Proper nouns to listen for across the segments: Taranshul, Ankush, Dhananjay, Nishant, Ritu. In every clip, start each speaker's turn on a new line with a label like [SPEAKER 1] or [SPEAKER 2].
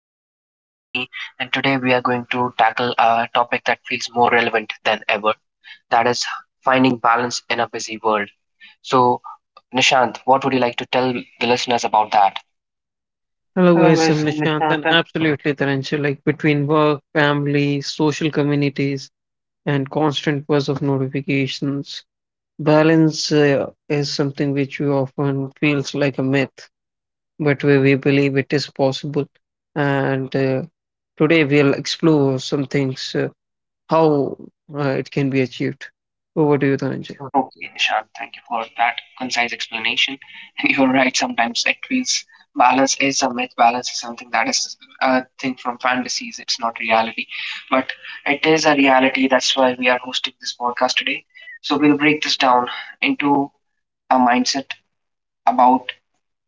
[SPEAKER 1] I have Nishant with me, and today we are going to tackle a topic that feels more relevant than ever. That is finding balance in a busy world. So, Nishant, what would you like to tell the listeners about that?
[SPEAKER 2] Hello guys, I'm Nishant, and absolutely, Taranshul, like between work, family, social communities and constant buzz of notifications, balance is something which we often feels like a myth, but we believe it is possible. And today we'll explore some things, how it can be achieved. Over to you,
[SPEAKER 1] Gutaraj.
[SPEAKER 2] Dhananjay.
[SPEAKER 1] Oh, yeah, Nishant, thank you for that concise explanation. And you're right, sometimes it feels balance is a myth, balance is something that is a thing from fantasies, it's not reality. But it is a reality, that's why we are hosting this podcast today. So we'll break this down into a mindset about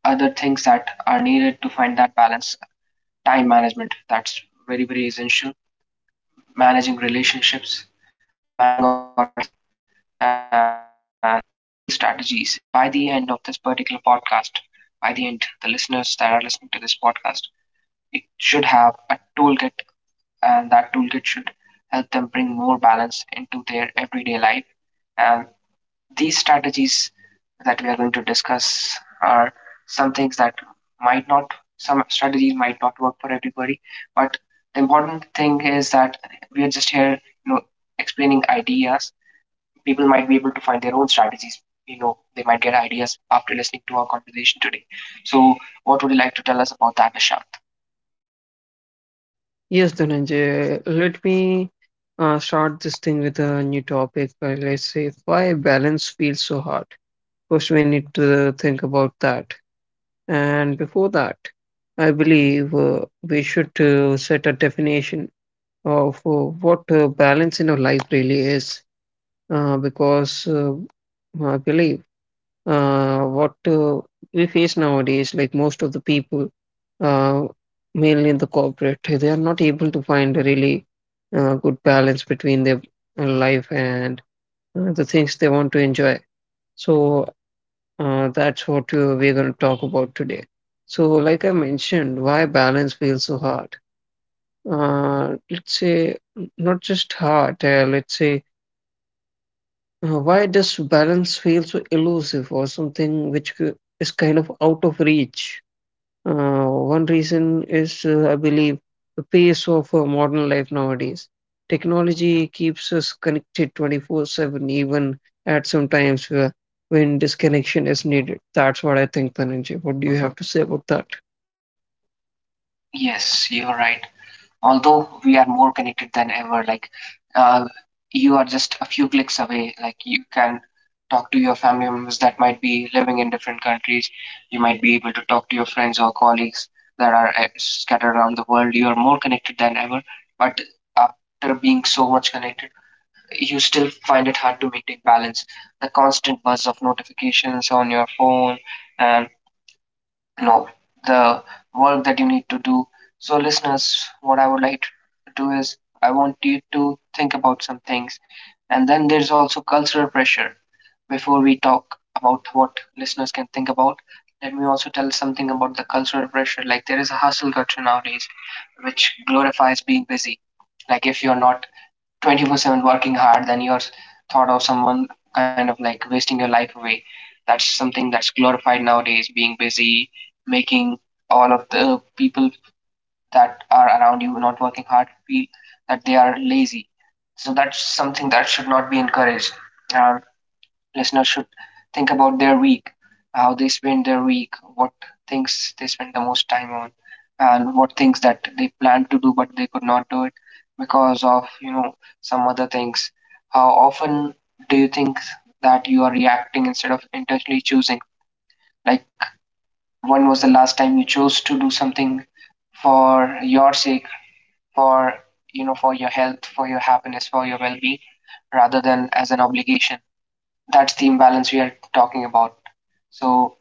[SPEAKER 1] other things that are needed to find that balance. Time management, that's very, very essential. Managing relationships, managing our health, uh, practical strategies. And by the end of this particular podcast, by the end, the listeners that are listening to this podcast, it should have a toolkit, and that toolkit should help them bring more balance into their everyday life. And these strategies that we are going to discuss are some things that might not, some strategies might not work for everybody, but the important thing is that we are just here, explaining ideas, people might be able to find their own strategies. You know, they might get ideas after listening to our conversation today. So what would you like to tell us about that, Nishant?
[SPEAKER 2] Yes, Dhananjay, let me start this thing with a new topic. Let's say why balance feels so hard. First, we need to think about that. And before that, I believe we should set a definition of what balance in our life really is, because I believe what we face nowadays, like most of the people, uh, mainly in the corporate, they are not able to find a really good balance between their life and the things they want to enjoy. So that's what we're going to talk about today. So, like I mentioned, why balance feels so hard? Let's say, not just hard, let's say, why does balance feel so elusive or something which is kind of out of reach? One reason is, I believe, the pace of modern life nowadays. Technology keeps us connected 24/7, even at some times where, when disconnection is needed. That's what I think, Dhananjay. What do you have to say about that?
[SPEAKER 1] Yes, you're right. Although we are more connected than ever, like uh, you are just a few clicks away. Like you can talk to your family members that might be living in different countries. You might be able to talk to your friends or colleagues that are scattered around the world. You are more connected than ever, but after being so much connected, you still find it hard to maintain balance. The constant buzz of notifications on your phone and, you know, the work that you need to do. So listeners, what I would like to do is I want you to think about some things. And then there's also cultural pressure. Before we talk about what listeners can think about, let me also tell something about the cultural pressure. Like there is a hustle culture nowadays which glorifies being busy. Like if you're not 24/7 working hard, then you're thought of someone kind of like wasting your life away. That's something that's glorified nowadays, being busy, making all of the people that are around you not working hard feel that they are lazy. So that's something that should not be encouraged. Uh, Listeners should think about their week, how they spend their week, what things they spend the most time on, and what things that they planned to do but they could not do it because of some other things. How often do you think that you are reacting instead of intentionally choosing? Like when was the last time you chose to do something for your sake, for, you know, for your health, for your happiness, for your well-being, rather than as an obligation? That's the imbalance we are talking about. So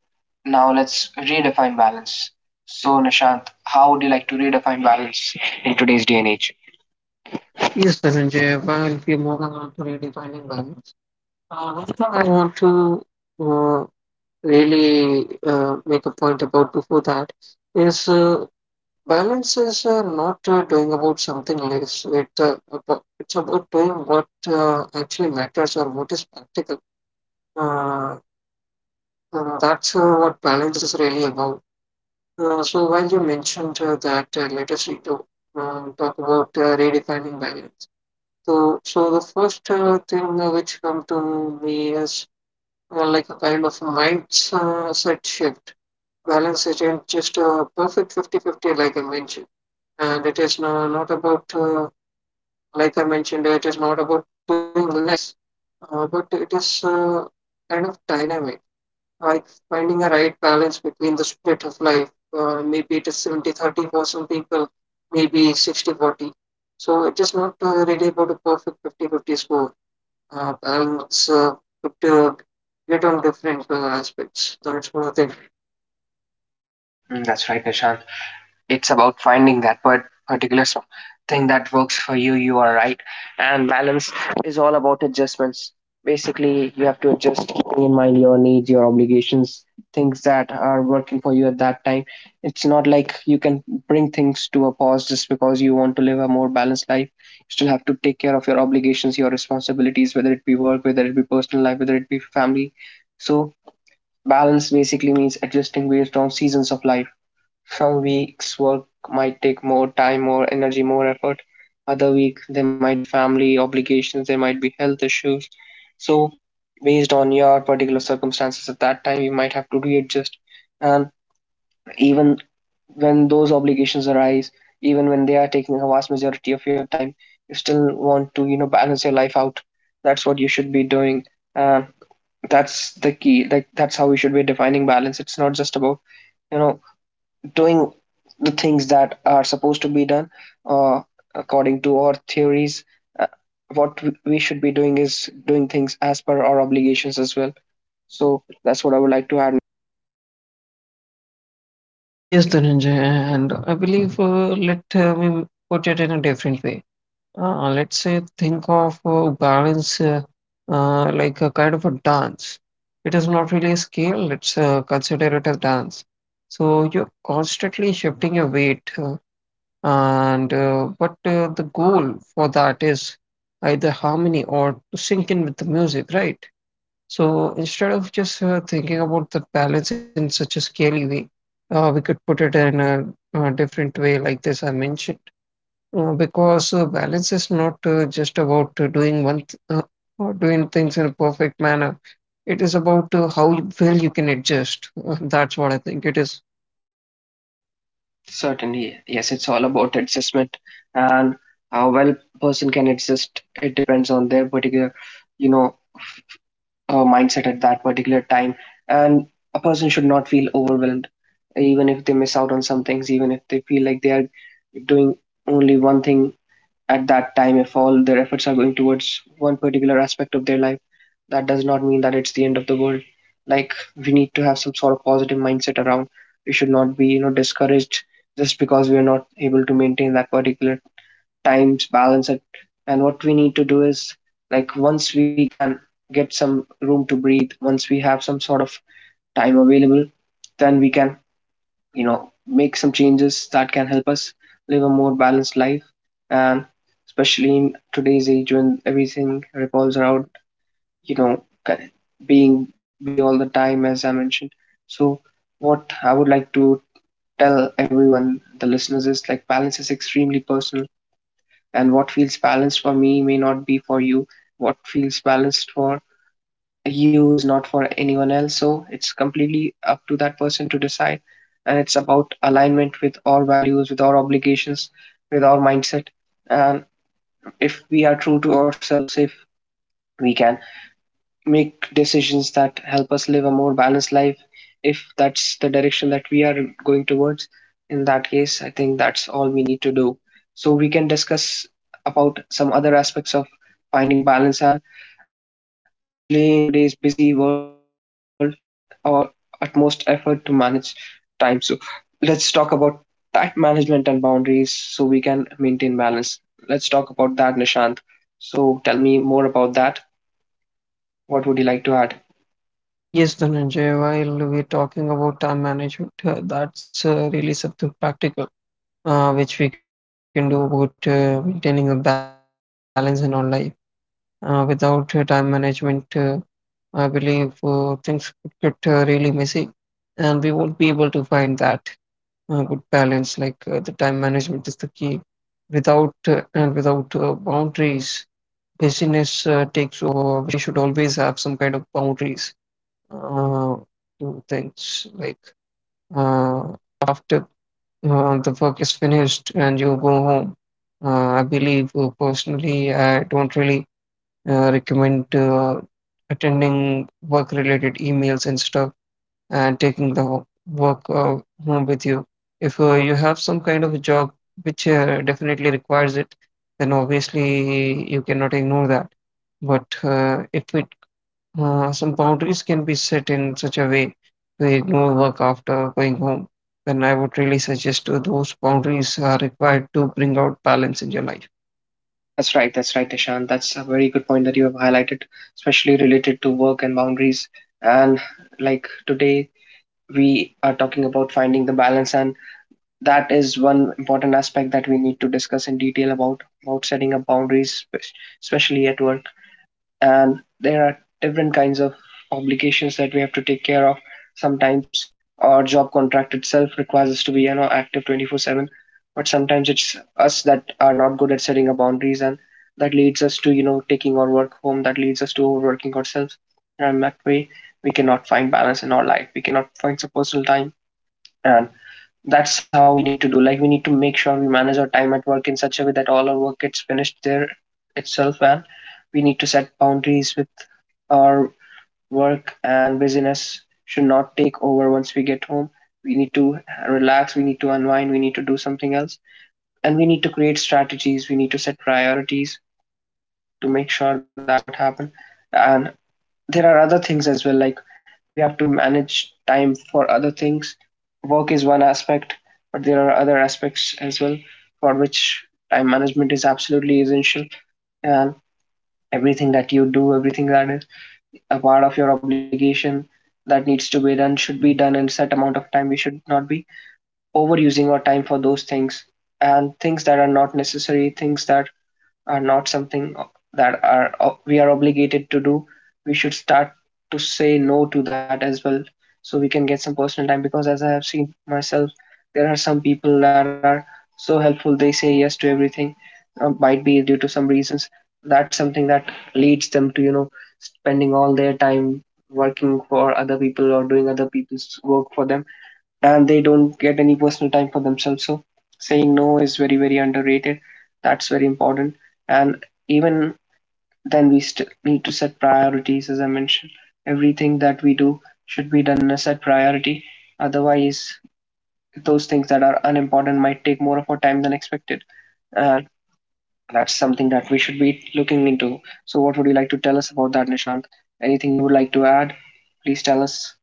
[SPEAKER 1] now let's redefine balance. So Nishant, how would you like to redefine balance in today's day and age?
[SPEAKER 2] Yes, Dhananjay, while we are on to redefining balance, one thing I want to uh, really make a point about before that is balance is not doing about something less. It it's about doing what actually matters or what is practical. Uh, and that's what balance is really about. So while you mentioned that, let us read, talk about redefining balance. So the first thing which come to me is like a kind of mindset shift. Balance isn't just a perfect 50-50, like I mentioned, and it is no, not about like I mentioned, it is not about doing less, but it is kind of dynamic, like finding a right balance between the split of life. Maybe it is 70 30 for some people, maybe 60 40. So it is not really about a perfect 50 fifty 50 score. Balance could get on different aspects. That's what I think.
[SPEAKER 1] Mm, that's right, Nishant. It's about finding that part, particular song, thing that works for you. You are right. And balance is all about adjustments. Basically, you have to adjust, keeping in mind your needs, your obligations, things that are working for you at that time. It's not like you can bring things to a pause just because you want to live a more balanced life. You still have to take care of your obligations, your responsibilities, whether it be work, whether it be personal life, whether it be family. So, balance basically means adjusting based on seasons of life. Some weeks work might take more time, more energy, more effort. Other week there might be family obligations, there might be health issues. So based on your particular circumstances at that time, you might have to readjust. And even when those obligations arise, even when they are taking a vast majority of your time, you still want to, you know, balance your life out. That's what you should be doing. Um, that's the key. Like that's how we should be defining balance. It's not just about, you know, doing the things that are supposed to be done uh, according to our theories. Uh, what we should be doing is doing things as per our obligations as well. So that's what I would like to add.
[SPEAKER 2] Yes, Dhananjay, and I believe let me put it in a different way. Let's say think of balance like a kind of a dance. It is not really a scale, let's consider it a dance. So you're constantly shifting your weight, and but the goal for that is either harmony or to sync in with the music, right? So instead of just thinking about the balance in such a scaly way, we could put it in a different way, like this I mentioned. Because balance is not just about doing or doing things in a perfect manner. It is about how you, well you can adjust. That's what I think it is.
[SPEAKER 1] Certainly, yes, it's all about adjustment and how well person can adjust. It depends on their particular, you know, mindset at that particular time. And a person should not feel overwhelmed, even if they miss out on some things, even if they feel like they are doing only one thing at that time. If all their efforts are going towards one particular aspect of their life, that does not mean that it's the end of the world. Like we need to have some sort of positive mindset around. We should not be, you know, discouraged just because we are not able to maintain that particular times balance at, and what we need to do is like once we can get some room to breathe, once we have some sort of time available, then we can, you know, make some changes that can help us live a more balanced life. And especially in today's age when everything revolves around you know ki- being busy all the time, as I mentioned. So what I would like to tell everyone, the listeners, is like balance is extremely personal, and what feels balanced for me may not be for you. What feels balanced for you is not for anyone else. So it's completely up to that person to decide. And it's about alignment with our values, with our obligations, with our mindset. And if we are true to ourselves, if we can make decisions that help us live a more balanced life, if that's the direction that we are going towards, in that case, I think that's all we need to do. So we can discuss about some other aspects of finding balance. And especially in today's busy world, we need our utmost effort to manage time. So let's talk about time management and boundaries so we can maintain balance. Let's talk about that, Nishant. So tell me more about that. What would you like to add?
[SPEAKER 2] Yes, Dhananjay, while we're talking about time management, that's really something practical which we can do about maintaining a balance in our life. Without time management, I believe things could get really messy and we won't be able to find that. Good balance, like the time management is the key without and without boundaries busyness takes over. We should always have some kind of boundaries uh, to things like uh, after the work is finished and you go home, I believe personally I don't really recommend attending work related emails and stuff and taking the work home with you. If you have some kind of a job which definitely requires it, then obviously you cannot ignore that. But if it, some boundaries can be set in such a way to ignore work after going home, then I would really suggest those boundaries are required to bring out balance in your life.
[SPEAKER 1] That's right, Nishant. That's a very good point that you have highlighted, especially related to work and boundaries. And like today, we are talking about finding the balance, and that is one important aspect that we need to discuss in detail about setting up boundaries, especially at work. And there are different kinds of obligations that we have to take care of. Sometimes our job contract itself requires us to be, you know, active 24/7. But sometimes it's us that are not good at setting up boundaries, and that leads us to, you know, taking our work home. That leads us to overworking ourselves, and that way we cannot find balance in our life. We cannot find some personal time. And that's how we need to do. Like we need to make sure we manage our time at work in such a way that all our work gets finished there itself. And we need to set boundaries with our work, and busyness should not take over once we get home. We need to relax, we need to unwind, we need to do something else. And we need to create strategies, we need to set priorities to make sure that does not happen. And there are other things as well, like we have to manage time for other things. Work is one aspect, but there are other aspects as well for which time management is absolutely essential. And everything that you do, everything that is a part of your obligation that needs to be done should be done in a set amount of time. We should not be overusing our time for those things. And things that are not necessary, things that are not something that are we are obligated to do, we should start to say no to that as well, so we can get some personal time. Because as I have seen myself, there are some people that are so helpful they say yes to everything, might be due to some reasons. That's something that leads them to, you know, spending all their time working for other people or doing other people's work for them, and they don't get any personal time for themselves. So saying no is very, very underrated. That's very important. And even then, we still need to set priorities, as I mentioned. Everything that we do should be done in a set priority. Otherwise, those things that are unimportant might take more of our time than expected. And that's something that we should be looking into. So, what would you like to tell us about that, Nishant? Anything you would like to add? Please tell us.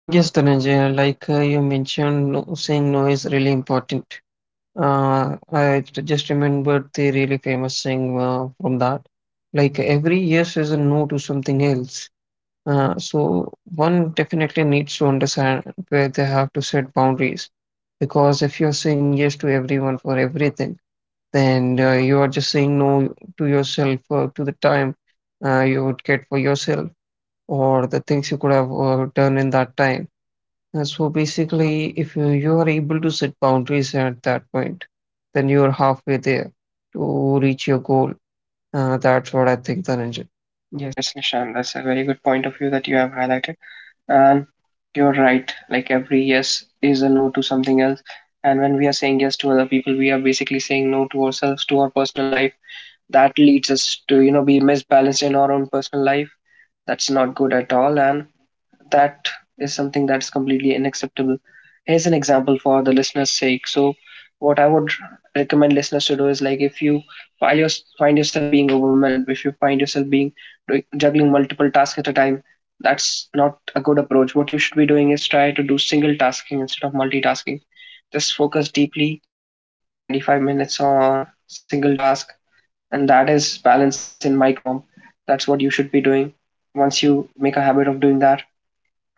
[SPEAKER 2] Yes, Dhananjay, like you mentioned, no, saying no is really important. I just remembered the really famous thing from that. Like every yes is a no to something else. So one definitely needs to understand where they have to set boundaries. Because if you're saying yes to everyone for everything, then you are just saying no to yourself to the time you would get for yourself or the things you could have done in that time. So basically, if you are able to set boundaries at that point, then you're halfway there to reach your goal. That's what I think, the ninja. Yes.
[SPEAKER 1] Yes, Nishant, that's a very good point of view that you have highlighted. And you're right. Like every yes is a no to something else. And when we are saying yes to other people, we are basically saying no to ourselves, to our personal life. That leads us to, you know, be misbalanced in our own personal life. That's not good at all. And that is something that's completely unacceptable. Here's an example for the listeners' sake. So, what I would recommend listeners to do is like if you find, your, find yourself being overwhelmed, if you find yourself being juggling multiple tasks at a time, that's not a good approach. What you should be doing is try to do single tasking instead of multitasking. Just focus deeply for 25 minutes on single task, and that is balance in micro form. That's what you should be doing. Once you make a habit of doing that,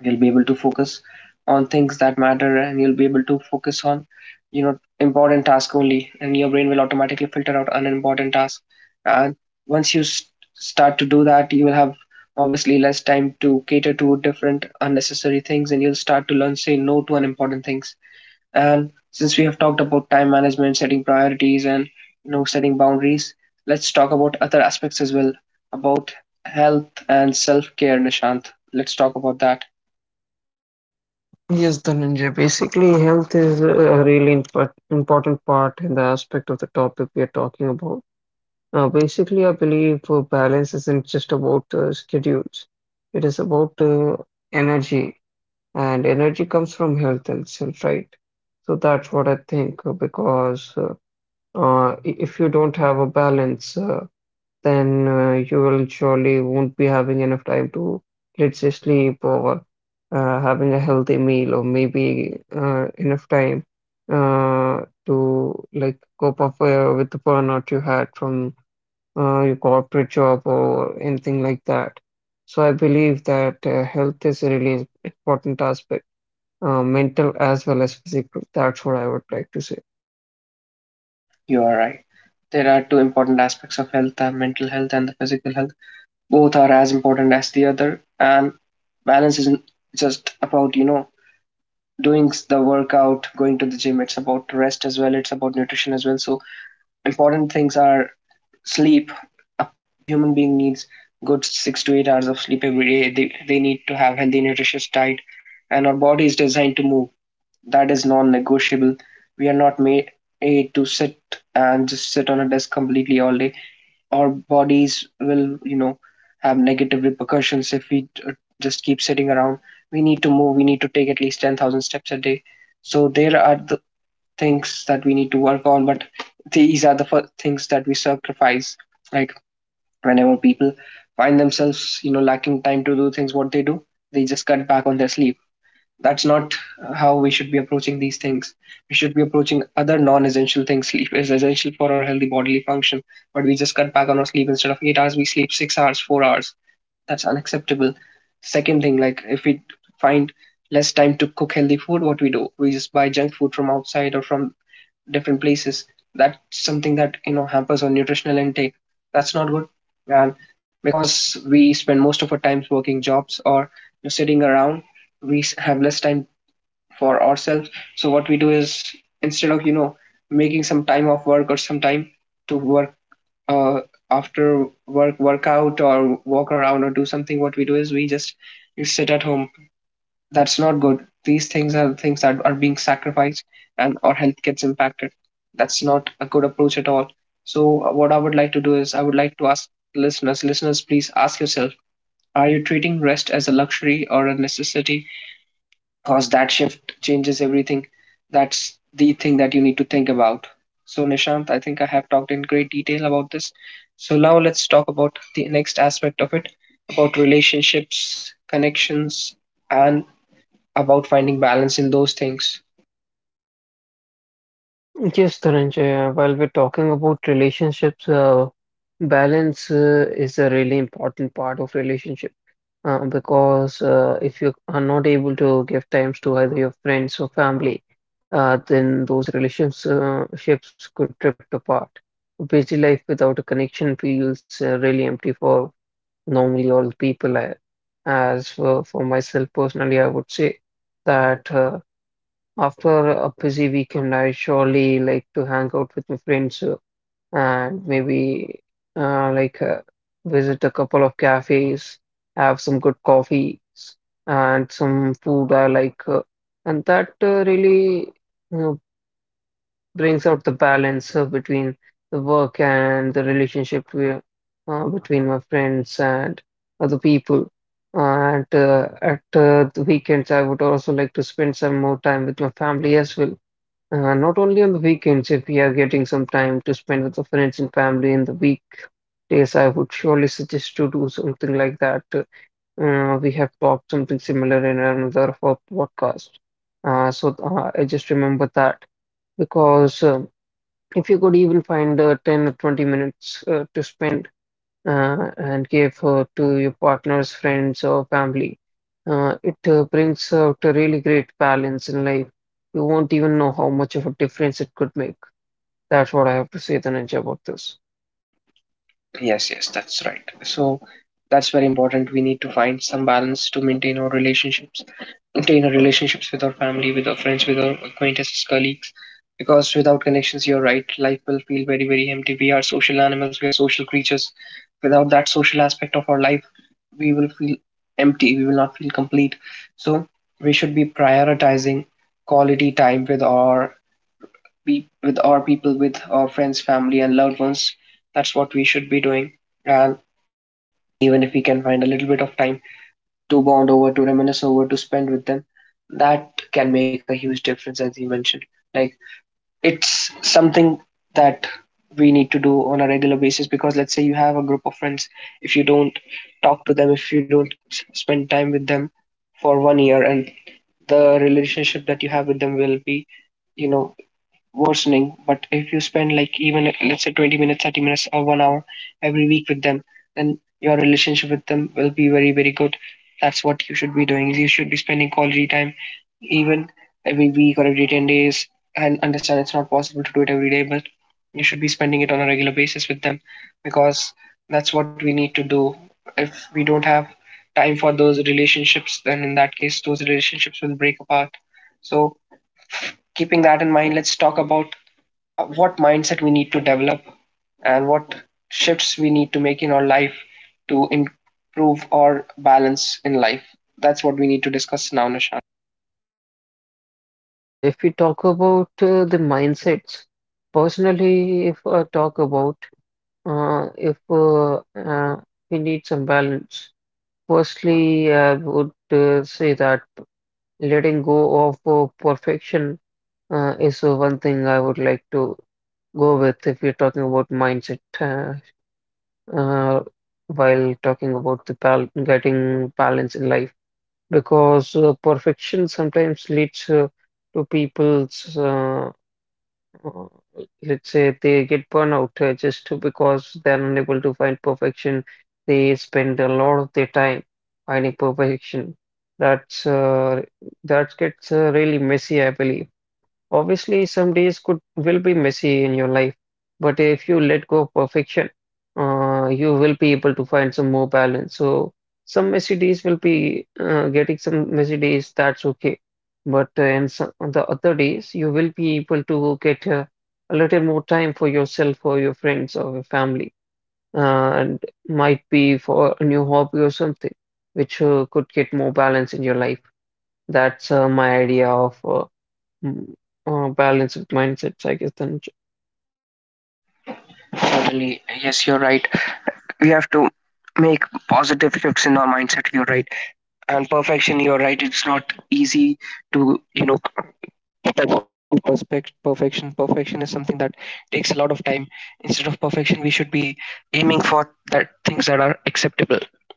[SPEAKER 1] you'll be able to focus on things that matter, and you'll be able to focus on, you know, important tasks only. And your brain will automatically filter out unimportant tasks. And once you s- start to do that, you will have obviously less time to cater to different unnecessary things, and you'll start to learn say no to unimportant things. And since we have talked about time management, setting priorities, and, you know, setting boundaries, let's talk about other aspects as well, about health and self care, Nishant. Let's talk about that.
[SPEAKER 2] Yes, the ninja. Basically, health is a really important part in the aspect of the topic we are talking about. Basically, I believe balance isn't just about schedules, it is about energy, and energy comes from health itself, right? So that's what I think if you don't have a balance, then you will surely won't be having enough time to, let's say, sleep or having a healthy meal or maybe enough time to like cope up with the burnout you had from your corporate job or anything like that. So I believe that health is a really important aspect, mental as well as physical. That's what I would like to say.
[SPEAKER 1] You are right. There are two important aspects of health, the mental health and the physical health. Both are as important as the other, and balance isn't just about, you know, doing the workout, going to the gym. It's about rest as well, it's about nutrition as well. So, important things are sleep. A human being needs good 6 to 8 hours of sleep every day. They need to have healthy, nutritious diet, and our body is designed to move. That is non negotiable. We are not made, made to sit and just sit on a desk completely all day. Our bodies will, you know, have negative repercussions if we just keep sitting around. We need to move, we need to take at least 10,000 steps a day. So there are the things that we need to work on, but these are the things that we sacrifice. Like whenever people find themselves, you know, lacking time to do things, what they do, they just cut back on their sleep. That's not how we should be approaching these things. We should be approaching other non-essential things. Sleep is essential for our healthy bodily function, but we just cut back on our sleep. Instead of 8 hours, we sleep 6 hours, 4 hours. That's unacceptable. Second thing, like if we find less time to cook healthy food, what we do, we just buy junk food from outside or from different places. That's something that, you know, hampers our nutritional intake. That's not good, and because we spend most of our times working jobs or, you know, sitting around, have less time for ourselves. So what we do is, instead of, you know, making some time off work or some time to work uh, after work, workout or walk around or do something, what we do is we just sit at home. That's not good. These things are things that are being sacrificed, and our health gets impacted. That's not a good approach at all. So what I would like to do is I would like to ask listeners, please ask yourself: Are you treating rest as a luxury or a necessity? Because that shift changes everything. That's the thing that you need to think about. So, Nishant, I think I have talked in great detail about this. So, now let's talk about the next aspect of it, about relationships, connections, and about finding balance in those things.
[SPEAKER 2] Yes, Dhananjay, while we're talking about relationships, balance is a really important part of relationship because if you are not able to give times to either your friends or family, then those relationships could drift apart. Busy life without a connection feels really empty for normally all people. As for myself personally, I would say that. After a busy weekend, I surely like to hang out with my friends and maybe uh, like uh, visit a couple of cafes, have some good coffees and some food I like, and that really, you know, brings out the balance between the work and the relationship between my friends and other people. And at the weekends, I would also like to spend some more time with my family as well, not only on the weekends, if we are getting some time to spend with our friends and family in the weekdays, I would surely suggest to do something like that. We have talked something similar in another of our podcast. I just remember that because if you could even find 10 or 20 minutes to spend and give to your partners, friends, or family, it brings out a really great balance in life. You won't even know how much of a difference it could make. That's what I have to say, the ninja, about this.
[SPEAKER 1] Yes, that's right. So, that's very important. We need to find some balance to maintain our relationships, to in our relationships with our family, with our friends, with our acquaintances, colleagues. Because without connections, you're right, life will feel very, very empty. We are social animals, we are social creatures. Without that social aspect of our life, we will feel empty, we will not feel complete. So, we should be prioritizing quality time with our with our people, with our friends, family, and loved ones. That's what we should be doing. And even if we can find a little bit of time to bond over, to reminisce over, to spend with them, that can make a huge difference, as you mentioned. Like it's something that we need to do on a regular basis, because let's say you have a group of friends, if you don't talk to them, if you don't s- spend time with them for one year, and the relationship that you have with them will be, you know, worsening. But if you spend like, even let's say 20 minutes, 30 minutes, or one hour every week with them, then your relationship with them will be very, very good. That's what you should be doing. You should be spending quality time even every week or every 10 days. And understand, it's not possible to do it every day, but you should be spending it on a regular basis with them, because that's what we need to do. If we don't have time for those relationships, then in that case, those relationships will break apart. So, keeping that in mind, let's talk about what mindset we need to develop and what shifts we need to make in our life to improve our balance in life. That's what we need to discuss now, Nisha.
[SPEAKER 2] Yes, the ninja. If we talk about the mindsets, personally, if I talk about if we need some balance, firstly, I would say that letting go of perfection is one thing I would like to go with if you're talking about mindset uh, while talking about the bal getting balance in life. Because perfection sometimes leads to people's uh, let's say they get burnout just because they're unable to find perfection. They spend a lot of their time finding perfection. That's uh, that gets really messy, I believe. Obviously, some days could will be messy in your life, but if you let go of perfection, you will be able to find some more balance. So some messy days will be getting some messy days, that's okay. But on the other days, you will be able to get a little more time for yourself, or your friends, or your family, and might be for a new hobby or something, which could get more balance in your life. That's my idea of. Mm, Balance with mindsets, I guess, Dhananjay.
[SPEAKER 1] Certainly, yes, you're right. We have to make positive shifts in our mindset. You're right, and perfection. You're right. It's not easy to, you know, perfection. Perfection is something that takes a lot of time. Instead of perfection, we should be aiming for that things that are acceptable,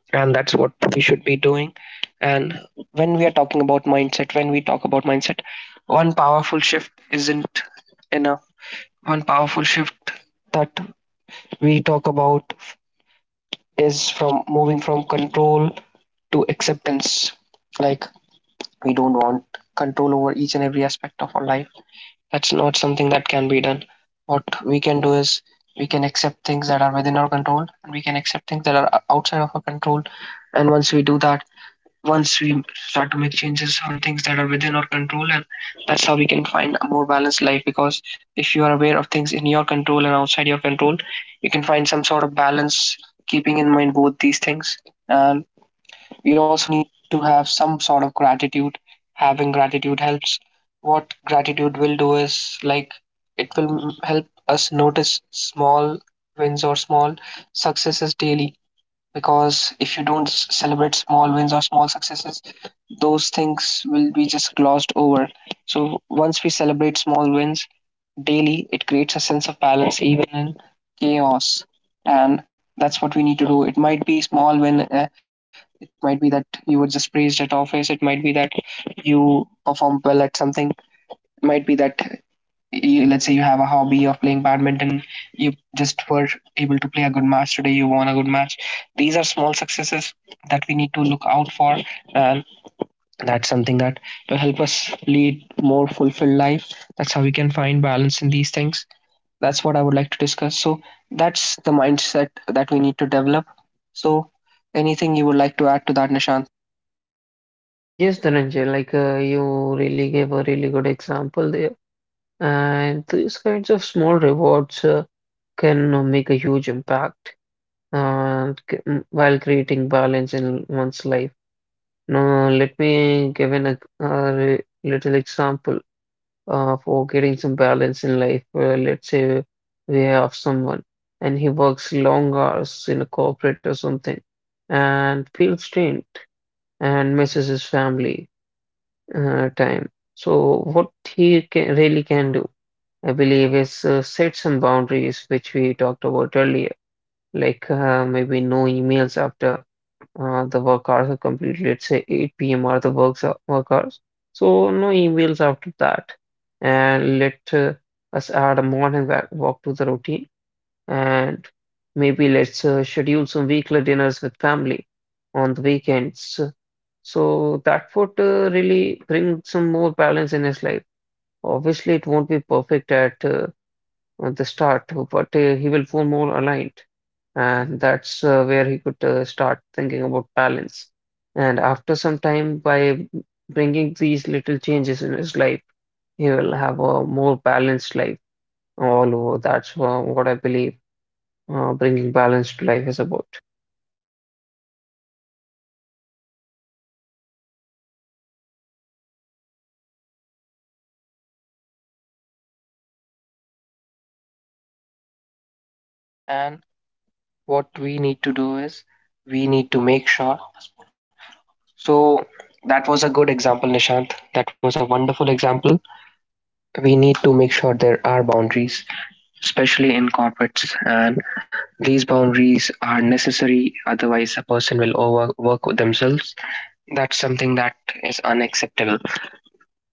[SPEAKER 1] and that's what we should be doing. And when we talk about mindset, one powerful shift isn't enough. One powerful shift that we talk about is from moving from control to acceptance. Like, we don't want control over each and every aspect of our life, that's not something that can be done. What we can do is we can accept things that are within our control, and we can accept things that are outside of our control. And once we do that, once we start to make changes on things that are within our control, and that's how we can find a more balanced life. Because if you are aware of things in your control and outside your control, you can find some sort of balance, keeping in mind both these things. And we also need to have some sort of gratitude. Having gratitude helps. What gratitude will do is, like, it will help us notice small wins or small successes daily, because if you don't s- celebrate small wins or small successes, those things will be just glossed over. So once we celebrate small wins daily, it creates a sense of balance even in chaos. And that's what we need to do. It might be small when it might be that you were just praised at office. It might be that you perform well at something. It might be that you, let's say you have a hobby of playing badminton. You just were able to play a good match today. You won a good match. These are small successes that we need to look out for, and that's something that will help us lead more fulfilled life. That's how we can find balance in these things. That's what I would like to discuss. So that's the mindset that we need to develop. So anything you would like to add to that, Nishant?
[SPEAKER 2] Yes, Dhananjay, like you really gave a really good example there. And these kinds of small rewards can make a huge impact while creating balance in one's life. Now, let me give an, ex- a re- little example for getting some balance in life. Let's say we have someone and he works long hours in a corporate or something and feels drained and misses his family time. So, what really can do, I believe, is set some boundaries, which we talked about earlier, like maybe no emails after the work hours are complete, let's say 8 p.m. are the work hours. So, no emails after that, and let us add a morning walk to the routine and maybe let's schedule some weekly dinners with family on the weekends. So that would really bring some more balance in his life. Obviously, it won't be perfect at the start, but he will feel more aligned, and that's where he could start thinking about balance. And after some time, by bringing these little changes in his life, he will have a more balanced life all over. That's what I believe bringing balance to life is about.
[SPEAKER 1] That's right. That was a good example, especially in corporate. If you don't set up boundaries, if you overwork yourself, that can be difficult. So that's what you should be doing. And what we need to do is we need to make sure. So that was a good example, Nishant. That was a wonderful example. We need to make sure there are boundaries, especially in corporates. And these boundaries are necessary, otherwise, a person will overwork themselves. That's something that is unacceptable.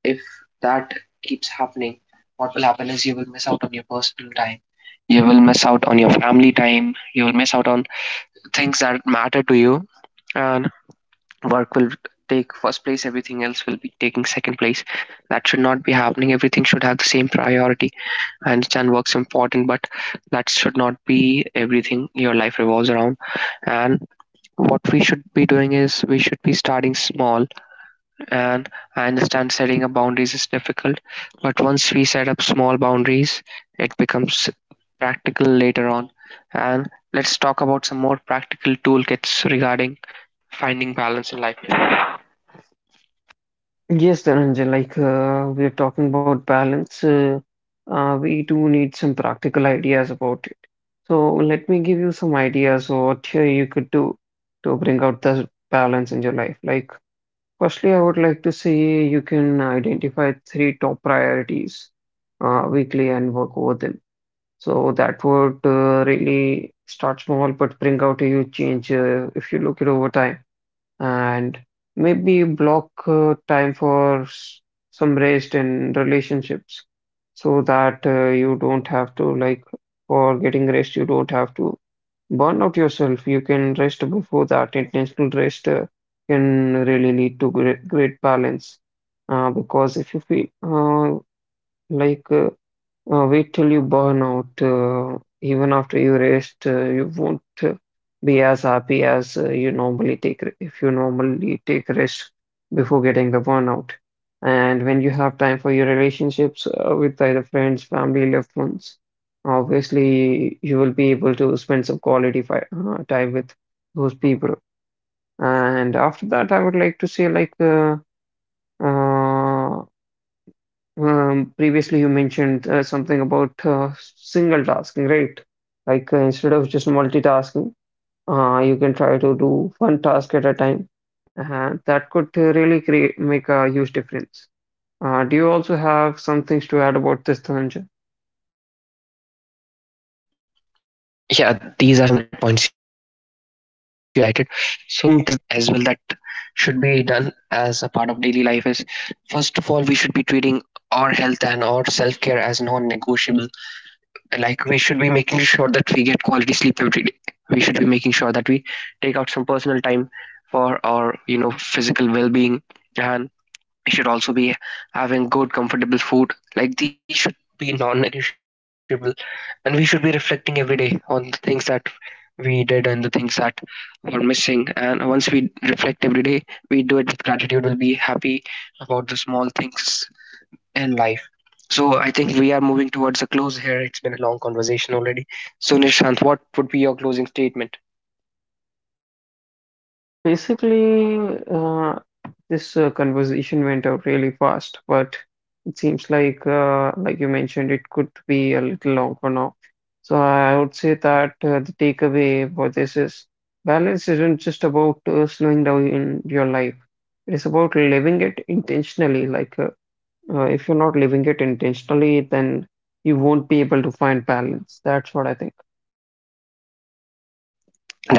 [SPEAKER 1] If that keeps happening, what will happen is you will miss out on your personal time, you will miss out on your family time, you will miss out on things that matter to you, and work will take first place, everything else will be taking second place. That should not be happening, everything should have the same priority. I understand work's important, but that should not be everything your life revolves around. And what we should be doing is we should be starting small. And I understand setting up boundaries is difficult, but once we set up small boundaries, it becomes practical later on. And let's talk about some more practical toolkits regarding finding balance in life.
[SPEAKER 2] Yes, Dhananjay, like we're talking about balance, we do need some practical ideas about it. So let me give you some ideas of what here you could do to bring out the balance in your life. Like, firstly, I would like to say you can identify 3 top priorities weekly and work over them. So that would really start small but bring out a huge change if you look it over time. And maybe block time for some rest in relationships so that you don't have to, like, for getting rest you don't have to burn out yourself. You can rest before that. Intentional rest can really lead to great, great balance because if you feel like uh, wait till you burn out. Even after you rest, you won't be as happy as you normally take if you normally take rest before getting the burnout. And when you have time for your relationships with either friends, family, loved ones, obviously you will be able to spend some quality fi time with those people. And after that, I would like to say like uh, previously, you mentioned something about single tasking, right? Like instead of just multitasking, you can try to do one task at a time, and that could really create make a huge difference. Do you also have some things to add about this, Dhananjay?
[SPEAKER 1] Yeah, these are some valid points you have highlighted. So some things that I would like to highlight as well that should be done as a part of daily life is, first of all, we should be treating our health and our self-care as non-negotiable. Like, we should be making sure that we get quality sleep every day, we should be making sure that we take out some personal time for our, you know, physical well-being, and we should also be having good, comfortable food. Like these should be non-negotiable, and we should be reflecting every day on the things that we did and the things that were missing. And once we reflect every day, we do it with gratitude. We'll be happy about the small things in life. So I think we are moving towards a close here. It's been a long conversation already. So Nishant, what would be your closing statement?
[SPEAKER 2] Basically, uh, this conversation went out really fast, but it seems like you mentioned, it could be a little long for now. So I would say that the takeaway for this is balance isn't just about slowing down in your life. It is about living it intentionally. Like, if you're not living it intentionally, then you won't be able to find balance. That's what I think.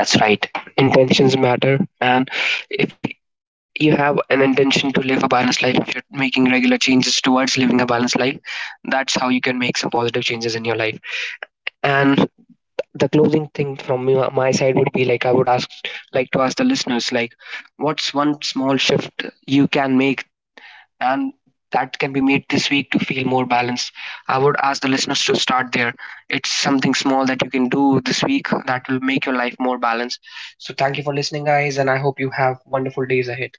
[SPEAKER 1] That's right. Intentions matter. And if you have an intention to live a balanced life, if you're making regular changes towards living a balanced life, that's how you can make some positive changes in your life. And the closing thing from my side would be like, I would ask, like to ask the listeners, like, what's one small shift you can make and that can be made this week to feel more balanced. I would ask the listeners to start there. It's something small that you can do this week that will make your life more balanced. So, thank you for listening, guys, and I hope you have wonderful days ahead.